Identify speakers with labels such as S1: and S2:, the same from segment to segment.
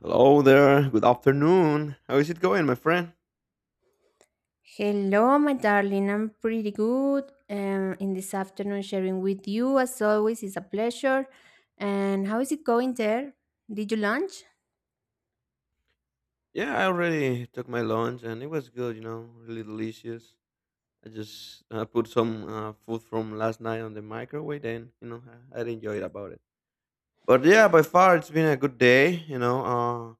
S1: Hello there. Good afternoon. How is it going, my friend?
S2: Hello, my darling. I'm pretty good. In this afternoon, sharing with you as always is a pleasure. And how is it going there? Did you lunch?
S1: Yeah, I already took my lunch and it was good, you know, really delicious. I just put some food from last night on the microwave and I enjoyed about it. But yeah, by far it's been a good day, you know.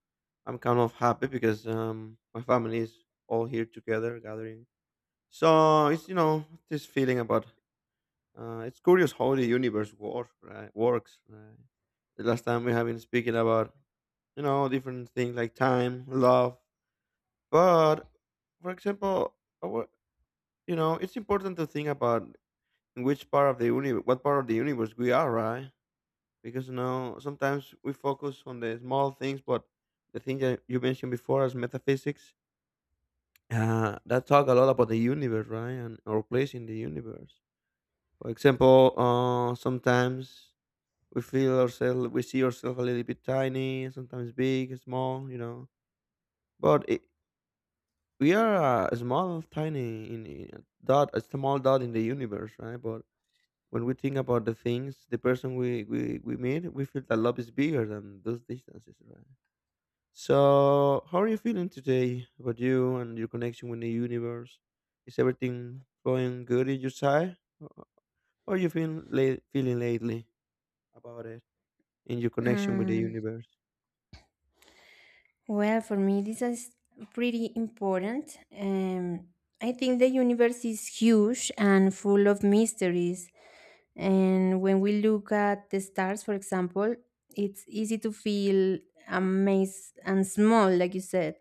S1: I'm kind of happy because my family is all here together gathering. So it's this feeling about it's curious how the universe works, right? Works. Right? The last time we have been speaking about, you know, different things like time, love. But, for example, I wa- you know, it's important to think about in which part of the universe, what part of the universe we are, right? Because, you know, sometimes we focus on the small things, but the thing that you mentioned before as metaphysics, that talk a lot about the universe, right? And our place in the universe. For example, sometimes we feel ourselves, we see ourselves a little bit tiny, sometimes big, small, you know, but it, we are a small tiny in a dot, a small dot in the universe, right? But when we think about the things, the person we meet, we feel that love is bigger than those distances, right? So how are you feeling today about you and your connection with the universe? Is everything going good in your side? How are you feeling lately about it, in your connection with the
S2: Um,
S1: universe?
S2: well, for me, this is pretty important. I think the universe is huge and full of mysteries. And when we look at the stars, for example, it's easy to feel amazed and small, like you said.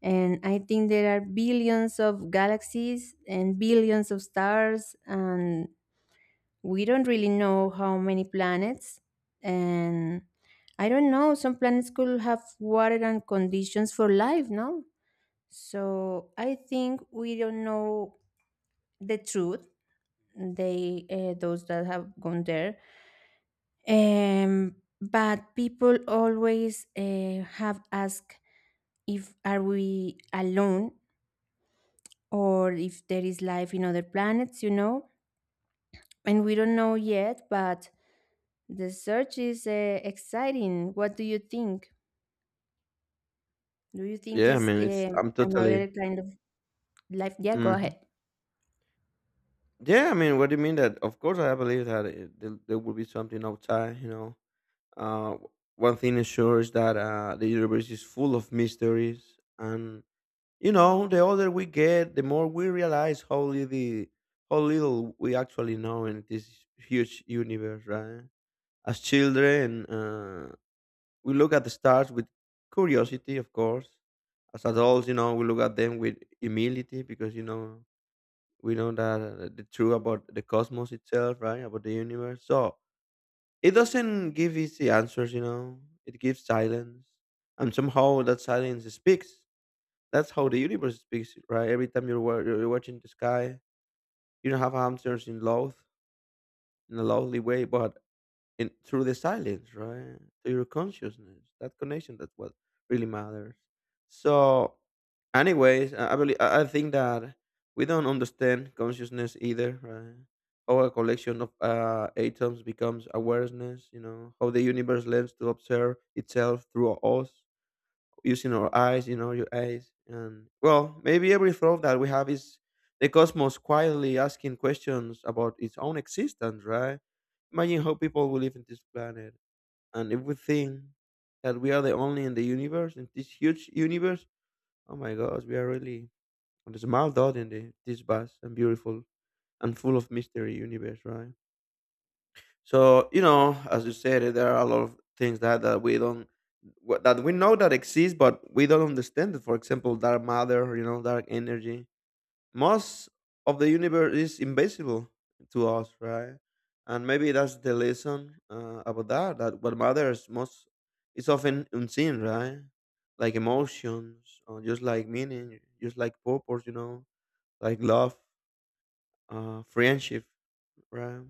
S2: And I think there are billions of galaxies and billions of stars, and we don't really know how many planets. And I don't know, some planets could have water and conditions for life, no? So I think we don't know the truth. Those that have gone there, but people always have asked if are we alone or if there is life in other planets, you know? And we don't know yet, but the search is exciting. What do you think? Do you think
S1: Yeah, I
S2: is
S1: mean, it's I'm
S2: another
S1: totally
S2: kind of life? Yeah, go
S1: mhm.
S2: ahead.
S1: Yeah, I mean, what do you mean that? Of course, I believe that there will be something outside. You know, uh, w- one thing is sure is that the universe is full of mysteries, and you know, the older we get, the more we realize how little we actually know in this huge universe, right? As children, we look at the stars with curiosity, of course. As adults, you know, we look at them with humility because you know we know that the truth about the cosmos itself, right? About the universe. So it doesn't give easy answers, you know. It gives silence, and somehow that silence speaks. That's how the universe speaks, right? Every time you're watching the sky, you don't have answers in love in a lovely way, but and through the silence, right? To your consciousness, that connection, that's what really matters. So, anyways, I believe I think that we don't understand consciousness either, right? How a collection of atoms becomes awareness, you know, how the universe learns to observe itself through us using our eyes, you know, your eyes. And well, maybe every thought that we have is the cosmos quietly asking questions about its own existence, right? Imagine how people will live in this planet. And if we think that we are the only in the universe, in this huge universe, oh my gosh, we are really a small dot in this vast and beautiful and full of mystery universe, right? So you know, as you said, eh, there are a lot of things that we don't that we know that exist, but we don't understand it. For example, dark matter, you know, dark energy. Most of the universe is invisible to us, right? And maybe that's the lesson about that. That what matters most is often unseen, right? Like emotions, or just like meaning, just like purpose, you know, like love, friendship, right?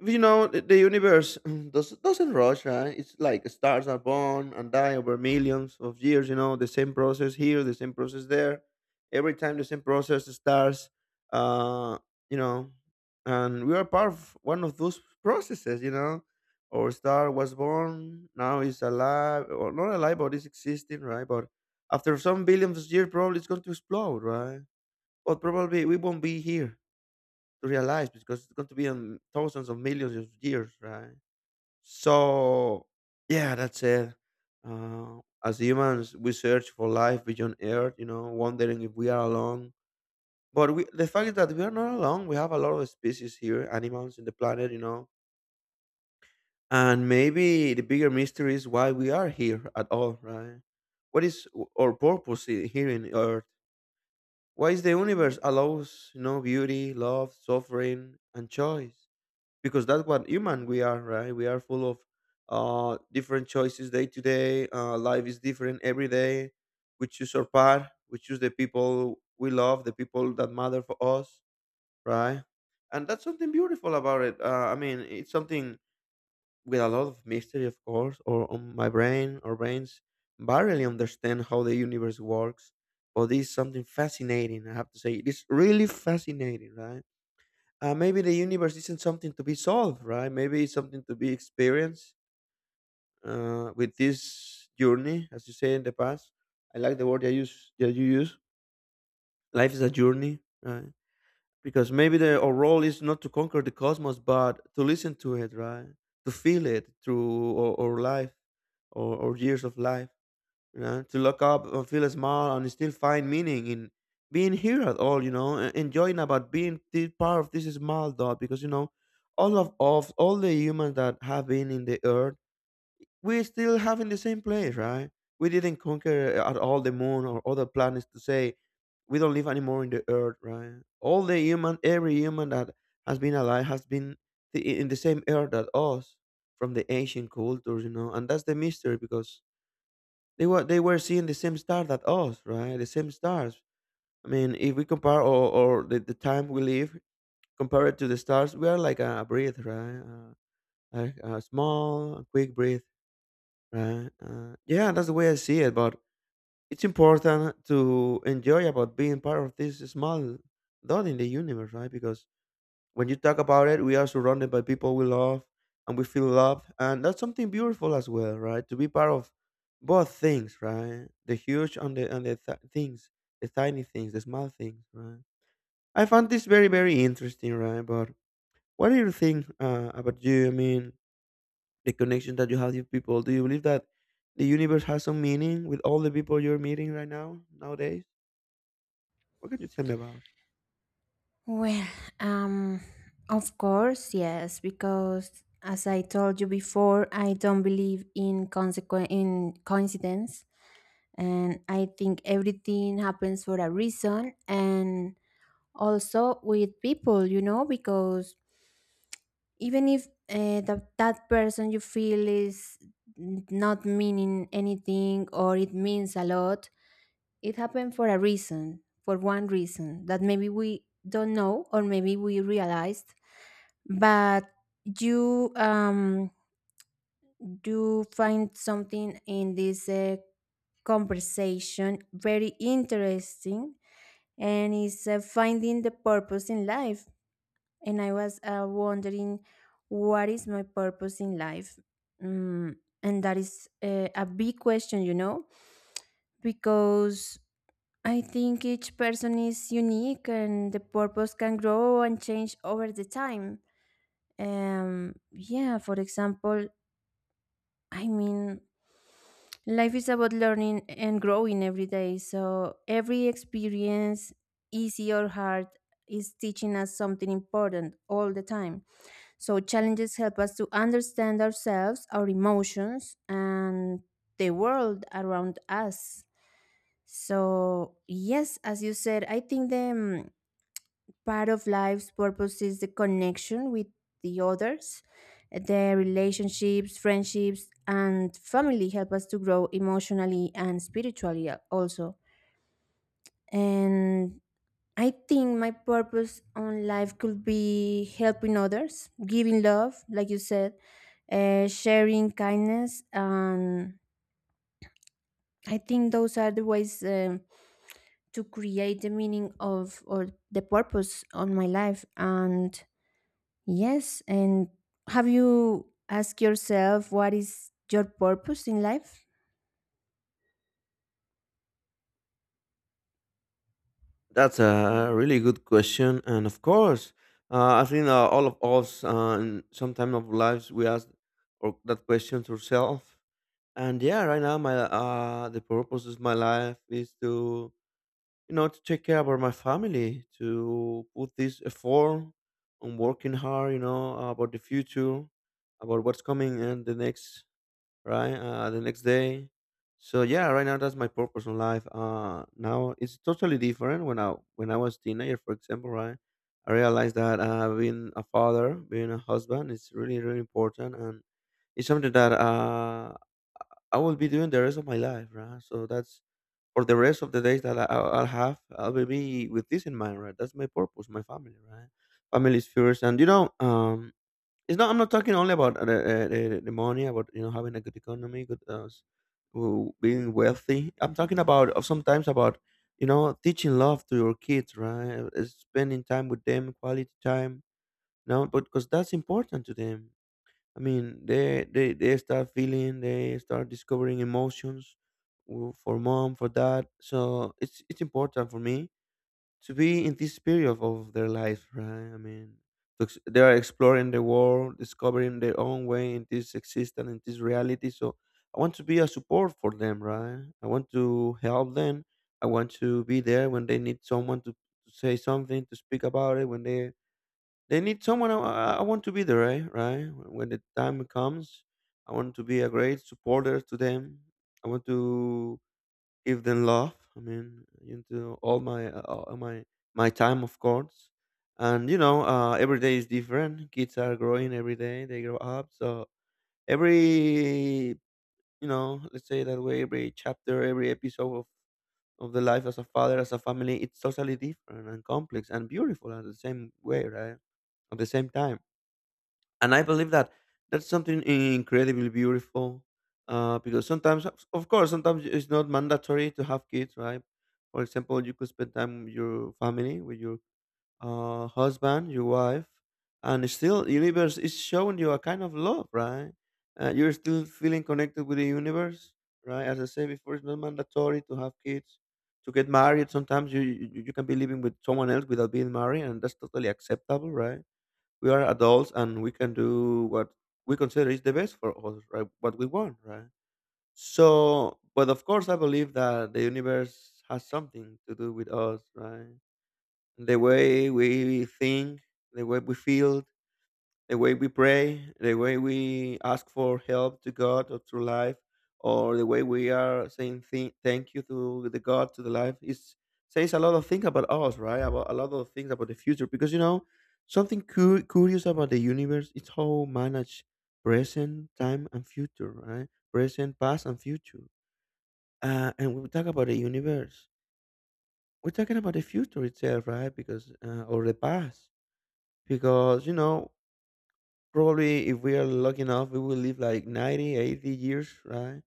S1: You know, the universe doesn't rush, right? It's like stars are born and die over millions of years. You know, the same process here, the same process there, every time the same process starts. uh you know, and we are part of one of those processes, you know. Our star was born, now it's alive or not alive, but it's existing, right? But after some billions of years, probably it's going to explode, right? But probably we won't be here to realize, because it's going to be on thousands of millions of years, right? So, yeah, that's it. As humans, we search for life beyond Earth, you know, wondering if we are alone. But we, the fact is that we are not alone. We have a lot of species here, animals in the planet, you know. And maybe the bigger mystery is why we are here at all, right? What is our purpose here in Earth? Why is the universe allows, you know, beauty, love, suffering, and choice? Because that's what human we are, right? We are full of different choices day to day. Life is different every day. We choose our path, we choose the people we love, the people that matter for us, right? And that's something beautiful about it. I mean, it's something with a lot of mystery, of course, or on my brain or brains barely understand how the universe works. But this is something fascinating, I have to say, it is really fascinating, right? Maybe the universe isn't something to be solved, right? Maybe it's something to be experienced, with this journey, as you say in the past. I like the word that you use. That you use. Life is a journey, right? Because maybe our role is not to conquer the cosmos, but to listen to it, right? To feel it through our life, or years of life, you know, to look up and feel small and still find meaning in being here at all, you know, and enjoying about being the part of this small dot. Because you know, all of all the humans that have been in the earth, we still have in the same place, right? We didn't conquer at all the moon or other planets to say we don't live anymore in the earth, right? All the human, every human that has been alive has been the, in the same earth that us, from the ancient cultures, you know, and that's the mystery because they were seeing the same star that us, right? The same stars. I mean, if we compare or, the time we live compared to the stars, we are like a breath, right? Like a small, quick breath, right? Yeah, that's the way I see it. But it's important to enjoy about being part of this small dot in the universe, right? Because when you talk about it, we are surrounded by people we love and we feel loved. And that's something beautiful as well, right? To be part of both things, right? The huge and the things, the tiny things, the small things, right? I found this very, very interesting, right? But what do you think about you? I mean, the connection that you have with people. Do you believe that the universe has some meaning with all the people you're meeting right now, nowadays? What can you tell me about?
S2: Well, um, of course, yes, because as I told you before, I don't believe in in coincidence, and I think everything happens for a reason, and also with people, you know, because even if that person you feel is not meaning anything or it means a lot, it happened for a reason, for one reason that maybe we don't know or maybe we realized. But you, you find something in this conversation very interesting, and is finding the purpose in life. And I was wondering, what is my purpose in life? Mm, and that is a big question, you know, because I think each person is unique and the purpose can grow and change over the time. Yeah, for example, I mean, life is about learning and growing every day. So every experience, easy or hard, is teaching us something important all the time. So, challenges help us to understand ourselves, our emotions, and the world around us. So, yes, as you said, I think the part of life's purpose is the connection with the others. The relationships, friendships, and family help us to grow emotionally and spiritually, also. And I think my purpose on life could be helping others, giving love, like you said, sharing kindness. And I think those are the ways to create the meaning of or the purpose on my life. And yes, and have you asked yourself what is your purpose in life?
S1: That's a really good question, and of course, I think all of us, in some time of lives, we ask or that question to ourselves. And yeah, right now, my the purpose of my life is to you know to take care about my family, to put this effort on working hard, you know, about the future, about what's coming and the next, right? The next day. So yeah, right now that's my purpose in life. Now it's totally different. When I was teenager, for example, right, I realized that being a father, being a husband, is really really important, and it's something that I will be doing the rest of my life, right? So that's for the rest of the days that I'll have, I will be with this in mind, right? That's my purpose, my family, right? Family is first, and you know, it's not. I'm not talking only about the money, about you know having a good economy, good being wealthy. I'm talking about sometimes about you know teaching love to your kids, right? Spending time with them, quality time. No, but because that's important to them. I mean, they start feeling, they start discovering emotions for mom, for dad. So it's important for me to be in this period of their life, right? I mean, they are exploring the world, discovering their own way in this existence, in this reality. So I want to be a support for them, right? I want to help them. I want to be there when they need someone to say something, to speak about it. When they need someone, I want to be there, right? Right? When the time comes, I want to be a great supporter to them. I want to give them love. I mean, into all my my time, of course. And every day is different. Kids are growing every day; they grow up. So every let's say that way, every chapter, every episode of the life as a father, as a family, it's totally different and complex and beautiful at the same way, right? At the same time, and I believe that that's something incredibly beautiful. Because sometimes, of course, sometimes it's not mandatory to have kids, right? For example, you could spend time with your family, with your husband, your wife, and still, the universe is showing you a kind of love, right? You're still feeling connected with the universe, right? As I said before, it's not mandatory to have kids, to get married. Sometimes you can be living with someone else without being married, and that's totally acceptable, right? We are adults and we can do what we consider is the best for us, right? What we want, right? So, but of course, I believe that the universe has something to do with us, right? The way we think, the way we feel, the way we pray, the way we ask for help to God or through life, or the way we are saying thank you to the God to the life is says a lot of things about us, right? About a lot of things about the future, because you know something curious about the universe is how manage present, time, and future, right? Present, past, and future. And when we talk about the universe, we're talking about the future itself, right? Because or the past, because you know, probably if we are lucky enough, we will live like 90, 80 years, right?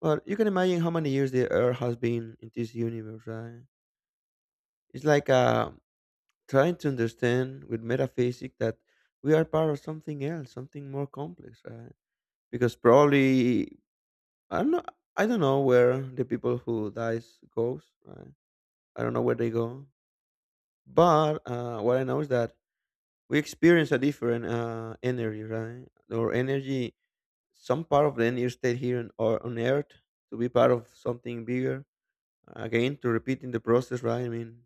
S1: But you can imagine how many years the Earth has been in this universe, right? It's like trying to understand with metaphysics that we are part of something else, something more complex, right? Because probably I don't know, I don't know where the people who dies goes, right? I don't know where they go, but what I know is that we experience a different energy, right? Or energy some part of the year stayed here on, or on earth, to be part of something bigger, again to repeating the process, right? I mean,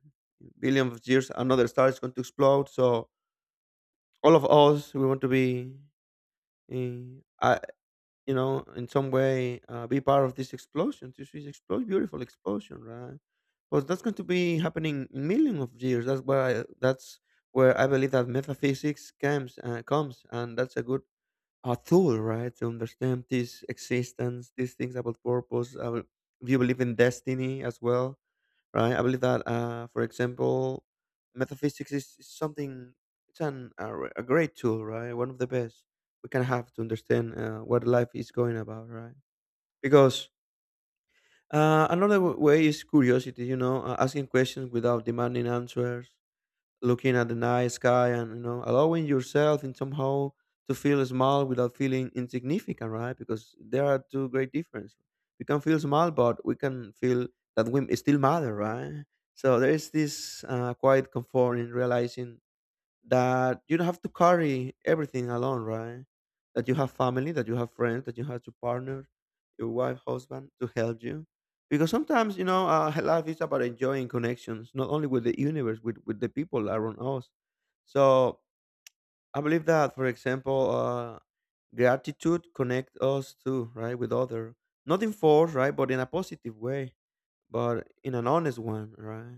S1: billions of years, another star is going to explode. So all of us we want to be in, you know, in some way be part of this explosion, this is explosion, beautiful explosion, right? But that's going to be happening in millions of years. That's where I believe that metaphysics comes and that's a good, a tool, right, to understand this existence, these things about purpose. I will, if you believe in destiny as well, right? I believe that, for example, metaphysics is something. It's a great tool, right? One of the best we can have to understand what life is going about, right? Because another way is curiosity, you know, asking questions without demanding answers, looking at the night sky and you know allowing yourself in somehow to feel small without feeling insignificant, right? Because there are two great differences, we can feel small but we can feel that we still matter, right? So there is this quiet comfort in realizing that you don't have to carry everything alone, right? That you have family, that you have friends, that you have to partner, your wife, husband to help you. Because sometimes, life is about enjoying connections, not only with the universe, with the people around us. So I believe that, for example, gratitude connect us too, right, with other, not in force, right, but in a positive way, but in an honest one, right?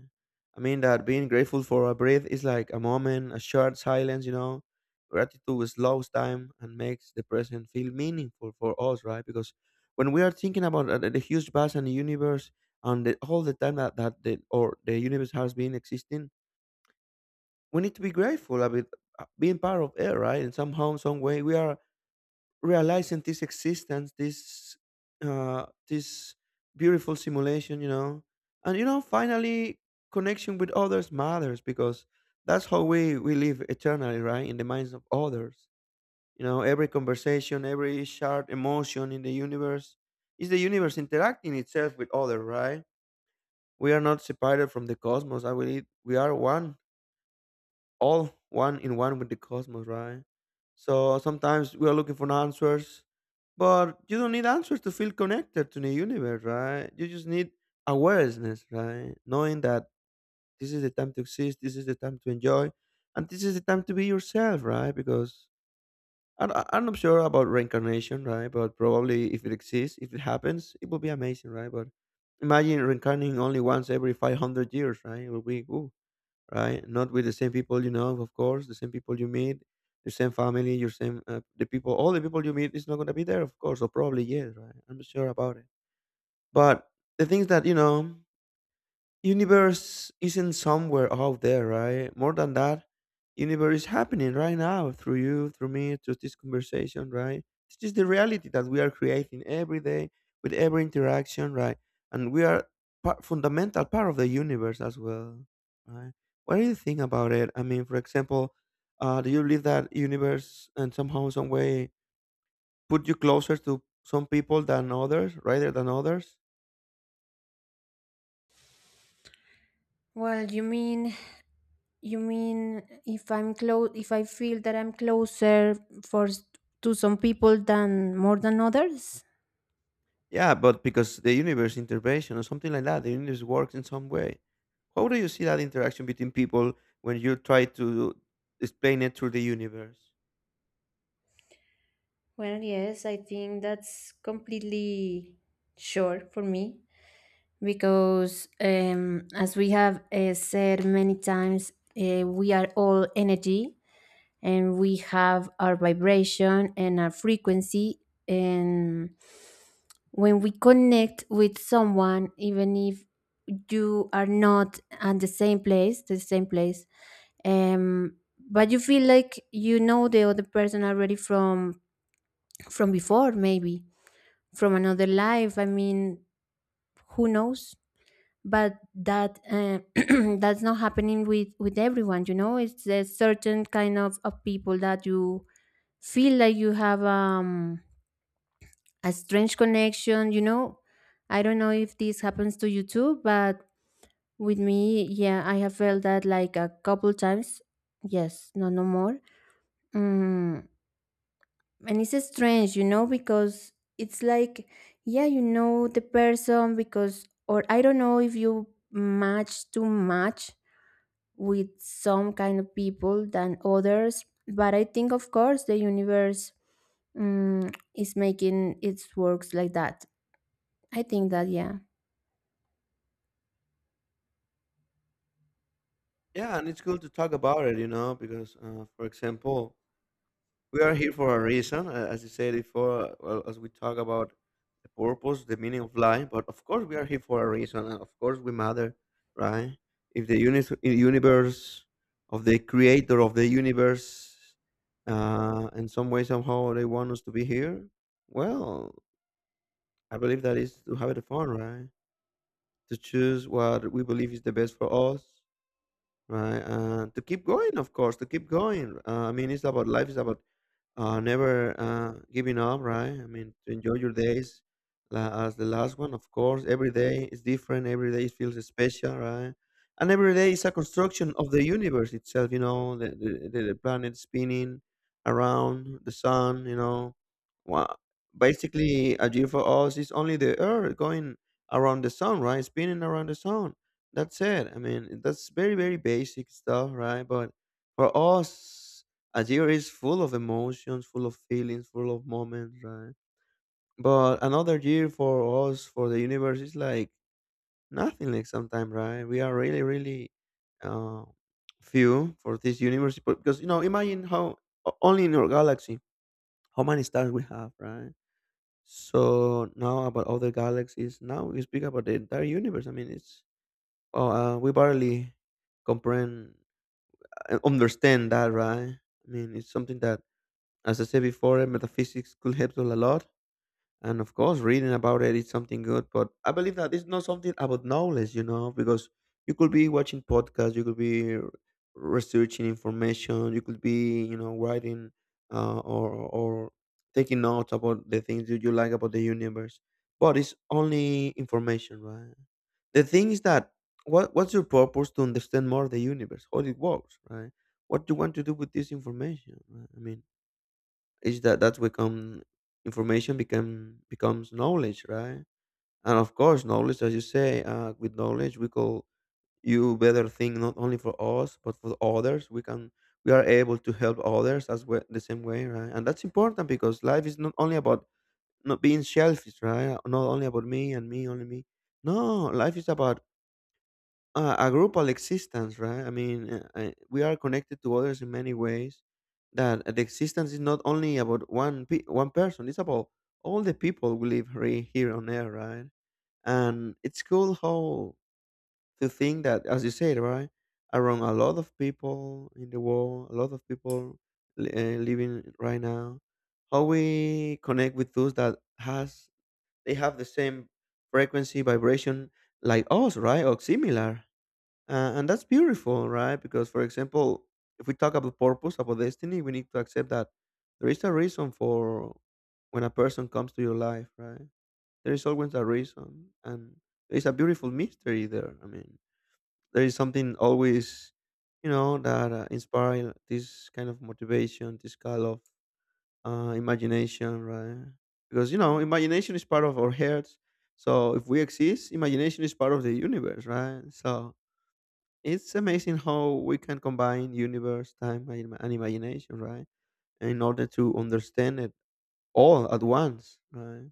S1: I mean that being grateful for a breath is like a moment, a short silence, you know. Gratitude slows time and makes the present feel meaningful for us, right? Because when we are thinking about the huge vast and the universe and the, all the time that, that the or the universe has been existing, we need to be grateful about being part of it, right? And somehow, some way, we are realizing this existence, this this beautiful simulation, you know, and you know, finally connection with others matters because that's how we live eternally, right? In the minds of others, you know, every conversation, every shared emotion in the universe is the universe interacting itself with others, right? We are not separated from the cosmos. I believe we are one, all one in one with the cosmos, right? So sometimes we are looking for answers, but you don't need answers to feel connected to the universe, right? You just need awareness, right? Knowing that this is the time to exist, this is the time to enjoy, and this is the time to be yourself, right? Because I'm not sure about reincarnation, right? But probably if it exists, if it happens, it will be amazing, right? But imagine reincarnating only once every 500 years, right? It will be, ooh, right? Not with the same people, you know, of course, the same people you meet, the same family, your same the people, all the people you meet is not gonna be there, of course, or probably yes, right? I'm not sure about it. But the things that you know universe isn't somewhere out there, right? More than that, universe is happening right now through you, through me, through this conversation, right? It's just the reality that we are creating every day with every interaction, right? And we are part, fundamental part of the universe as well, right? What do you think about it? I mean, for example, do you believe that universe and somehow, some way, put you closer to some people than others, rather than others?
S2: Well, you mean, you mean if I'm close, if I feel that I'm closer for s- to some people than more than others?
S1: Yeah, but because the universe intervention or something like that, the universe works in some way. How do you see that interaction between people when you try to explain it through the universe?
S2: Well, yes, I think that's completely sure for me because, as we have said many times, we are all energy, and we have our vibration and our frequency. And when we connect with someone, even if you are not at the same place, um but you feel like you know the other person already from before, maybe from another life, I mean, who knows. But that that's not happening with everyone, you know. It's a certain kind of people that you feel like you have a strange connection, you know. I don't know if this happens to you too, but with me, yeah, I have felt that like a couple times. Yes, no, no more. Mm, and it's strange, you know, because it's like, yeah, you know the person because, or I don't know if you match too much with some kind of people than others. But I think of course the universe, is making its works like that. I think that, yeah.
S1: Yeah, and it's good to talk about it, you know, because, for example, we are here for a reason, as you said before, well, as we talk about the purpose, the meaning of life. But of course, we are here for a reason, and of course, we matter, right? If the universe of the creator of the universe, in some way, somehow, they want us to be here, well, I believe that is to have the fun, right? To choose what we believe is the best for us, right? And to keep going, of course, to keep going. I mean, it's about life, it's about never giving up, right? I mean, to enjoy your days as the last one, of course. Every day is different. Every day feels special, right? And every day is a construction of the universe itself, you know, the planet spinning around the sun, you know. Well, basically, a year for us is only the earth going around the sun, right? Spinning around the sun. That's it. I mean, that's very, very basic stuff, right? But for us, a year is full of emotions, full of feelings, full of moments, right? But another year for us, for the universe, is like nothing. Like sometimes, right? We are really, really uh, few for this universe but- because you know, imagine how only in our galaxy how many stars we have, right? So now about other galaxies. Now we speak about the entire universe. I mean, it's oh, we barely comprehend, understand that, right? I mean, it's something that as I said before, eh, metaphysics could help us a lot. And of course, reading about it is something good. But I believe that it's not something about knowledge, you know, because you could be watching podcasts, you could be researching information, you could be, you know, writing or taking notes about the things that you like about the universe. But it's only information, right? The thing is that what's your purpose to understand more the universe, how it works, right? What do you want to do with this information, right? I mean, is that that become information become becomes knowledge, right? And of course, knowledge, as you say, with knowledge we call you better thing, not only for us but for others. We can we are able to help others as well the same way, right? And that's important, because life is not only about not being selfish, right? Not only about me and me, only me. No, life is about a grupal existence, right? I mean, we are connected to others in many ways. That the existence is not only about one person; it's about all the people we here on Earth, right? And it's cool how to think that, as you said, right, around a lot of people in the world, a lot of people living right now, how we connect with those that has they have the same frequency, vibration, like us, right, or similar. And that's beautiful, right? Because, for example, if we talk about purpose, about destiny, we need to accept that there is a reason for when a person comes to your life, right? There is always a reason, and there is a beautiful mystery there. I mean, there is something always, you know, that inspire this kind of motivation, this kind of imagination, right? Because you know, imagination is part of our hearts. So if we exist, imagination is part of the universe, right? So it's amazing how we can combine universe, time, and imagination, right? In order to understand it all at once, right?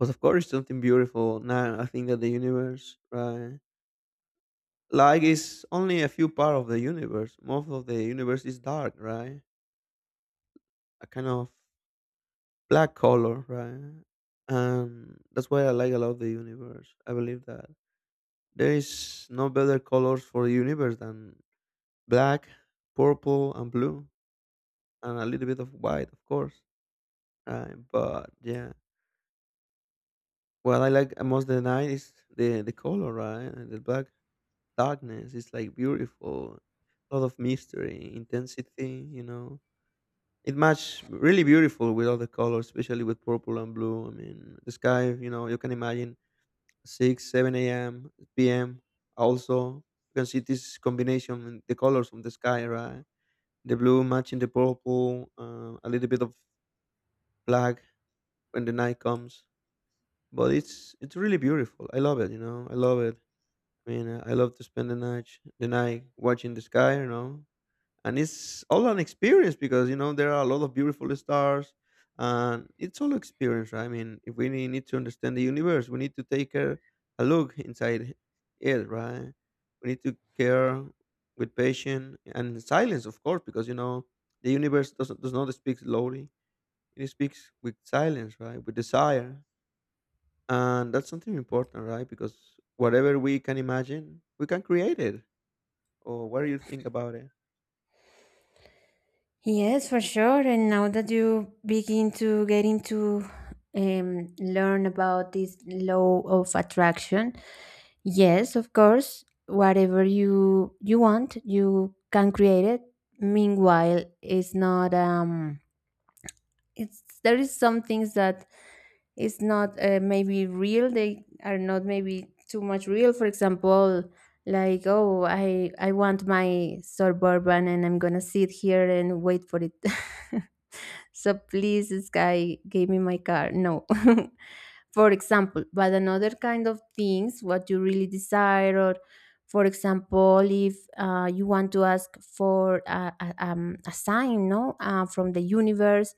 S1: But of course, something beautiful. Now, I think that the universe, right, light is only a few part of the universe. Most of the universe is dark, right? A kind of black color, right? And that's why I like a lot the universe. I believe that there is no better colors for the universe than black, purple, and blue, and a little bit of white, of course. Right, but yeah, what I like most the night is the color, right? And the black darkness is like beautiful, a lot of mystery, intensity. You know, it match really beautiful with all the colors, especially with purple and blue. I mean, the sky. You know, you can imagine six, seven a.m., p.m. Also, you can see this combination in the colors from the sky, right? The blue matching the purple, a little bit of black when the night comes, but it's really beautiful. I love it. You know, I love it. I mean, I love to spend the night watching the sky. You know, and it's all an experience, because you know there are a lot of beautiful stars, and it's all experience. Right? I mean, if we need to understand the universe, we need to take a look inside it. Right? We need to care with patience and in silence, of course, because you know the universe doesn't does not speak slowly. It speaks with silence, right? With desire, and that's something important, right? Because whatever we can imagine, we can create it. Or what do you think about it?
S2: Yes, for sure. And now that you begin to get into learn about this law of attraction. Yes, of course, whatever you want, you can create it. Meanwhile, it's not it's there is some things that it's not maybe real, they are not maybe too much real. For example, like, oh, I want my suburban and I'm gonna sit here and wait for it. So please, this guy gave me my car. No. For example, but another kind of things, what you really desire, or for example, if you want to ask for a sign, no, from the universe,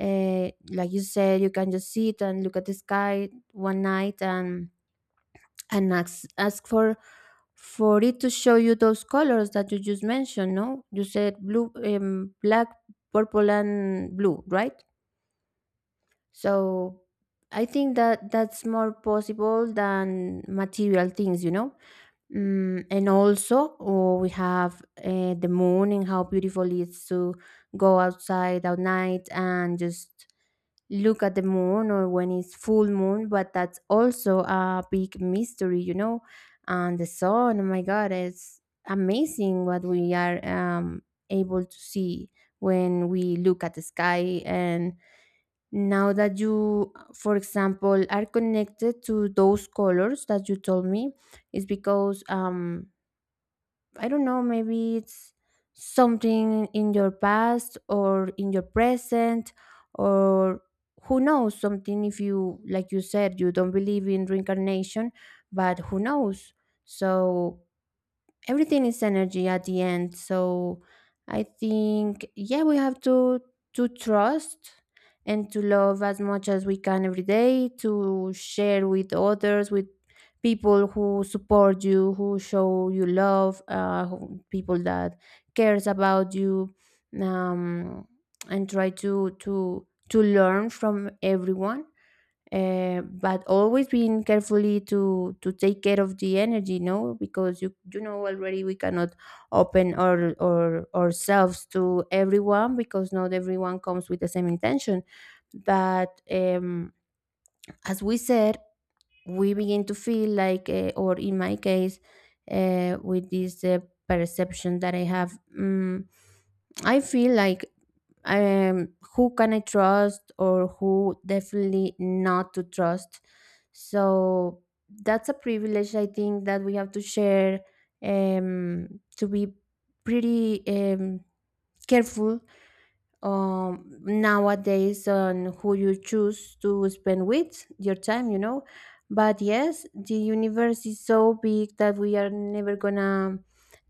S2: like you said, you can just sit and look at the sky one night and and ask for it to show you those colors that you just mentioned. No, you said blue, black, purple, and blue, right? So I think that that's more possible than material things, you know. Mm, and also, oh, we have the moon, and how beautiful it is to go outside at night and just look at the moon, or when it's full moon. But that's also a big mystery, you know. And the sun, oh my God, it's amazing what we are able to see when we look at the sky. And now that you, for example, are connected to those colors that you told me, is because, I don't know, maybe it's something in your past or in your present, or who knows. Something, if you, like you said, you don't believe in reincarnation, but who knows. So everything is energy at the end. So I think, yeah, we have to trust and to love as much as we can every day, to share with others, with people who support you, who show you love, people that cares about you. um, and try to to learn from everyone, but always being carefully to take care of the energy. No, because you know already, we cannot open our ourselves to everyone because not everyone comes with the same intention. But as we said, we begin to feel like, or in my case, with this perception that I have, mm, I feel like, who can I trust, or who definitely not to trust. So that's a privilege, I think, that we have to share, to be pretty careful nowadays on who you choose to spend with your time, you know. But yes, the universe is so big that we are never gonna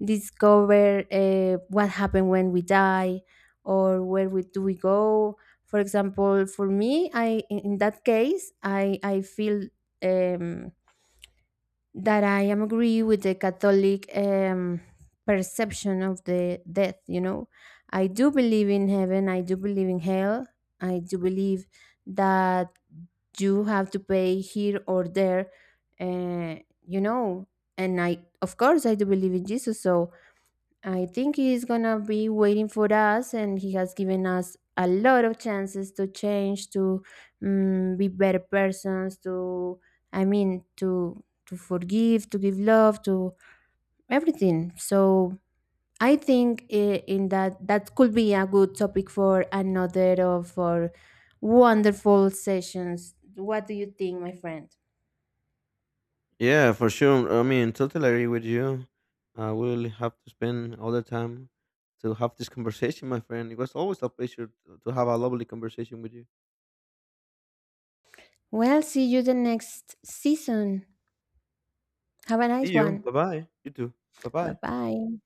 S2: discover what happened when we die, or where we do we go. For example, for me, I in that case, I feel. Um, that I am agree with the Catholic perception of the death. You know, I do believe in heaven. I do believe in hell. I do believe that you have to pay here or there. Uh, you know, and I, of course, I do believe in Jesus. So I think he's gonna be waiting for us, and he has given us a lot of chances to change, to be better persons, to, I mean, to forgive, to give love, to everything. So I think, in that, that could be a good topic for another of our wonderful sessions. What do you think, my friend?
S1: Yeah, for sure. I mean, totally agree with you. I will have to spend all the time to have this conversation, my friend. It was always a pleasure to have a lovely conversation with you.
S2: Well, see you the next season. Have a
S1: See
S2: nice
S1: you.
S2: one.
S1: Bye bye. You too. Bye
S2: Bye
S1: bye.
S2: bye.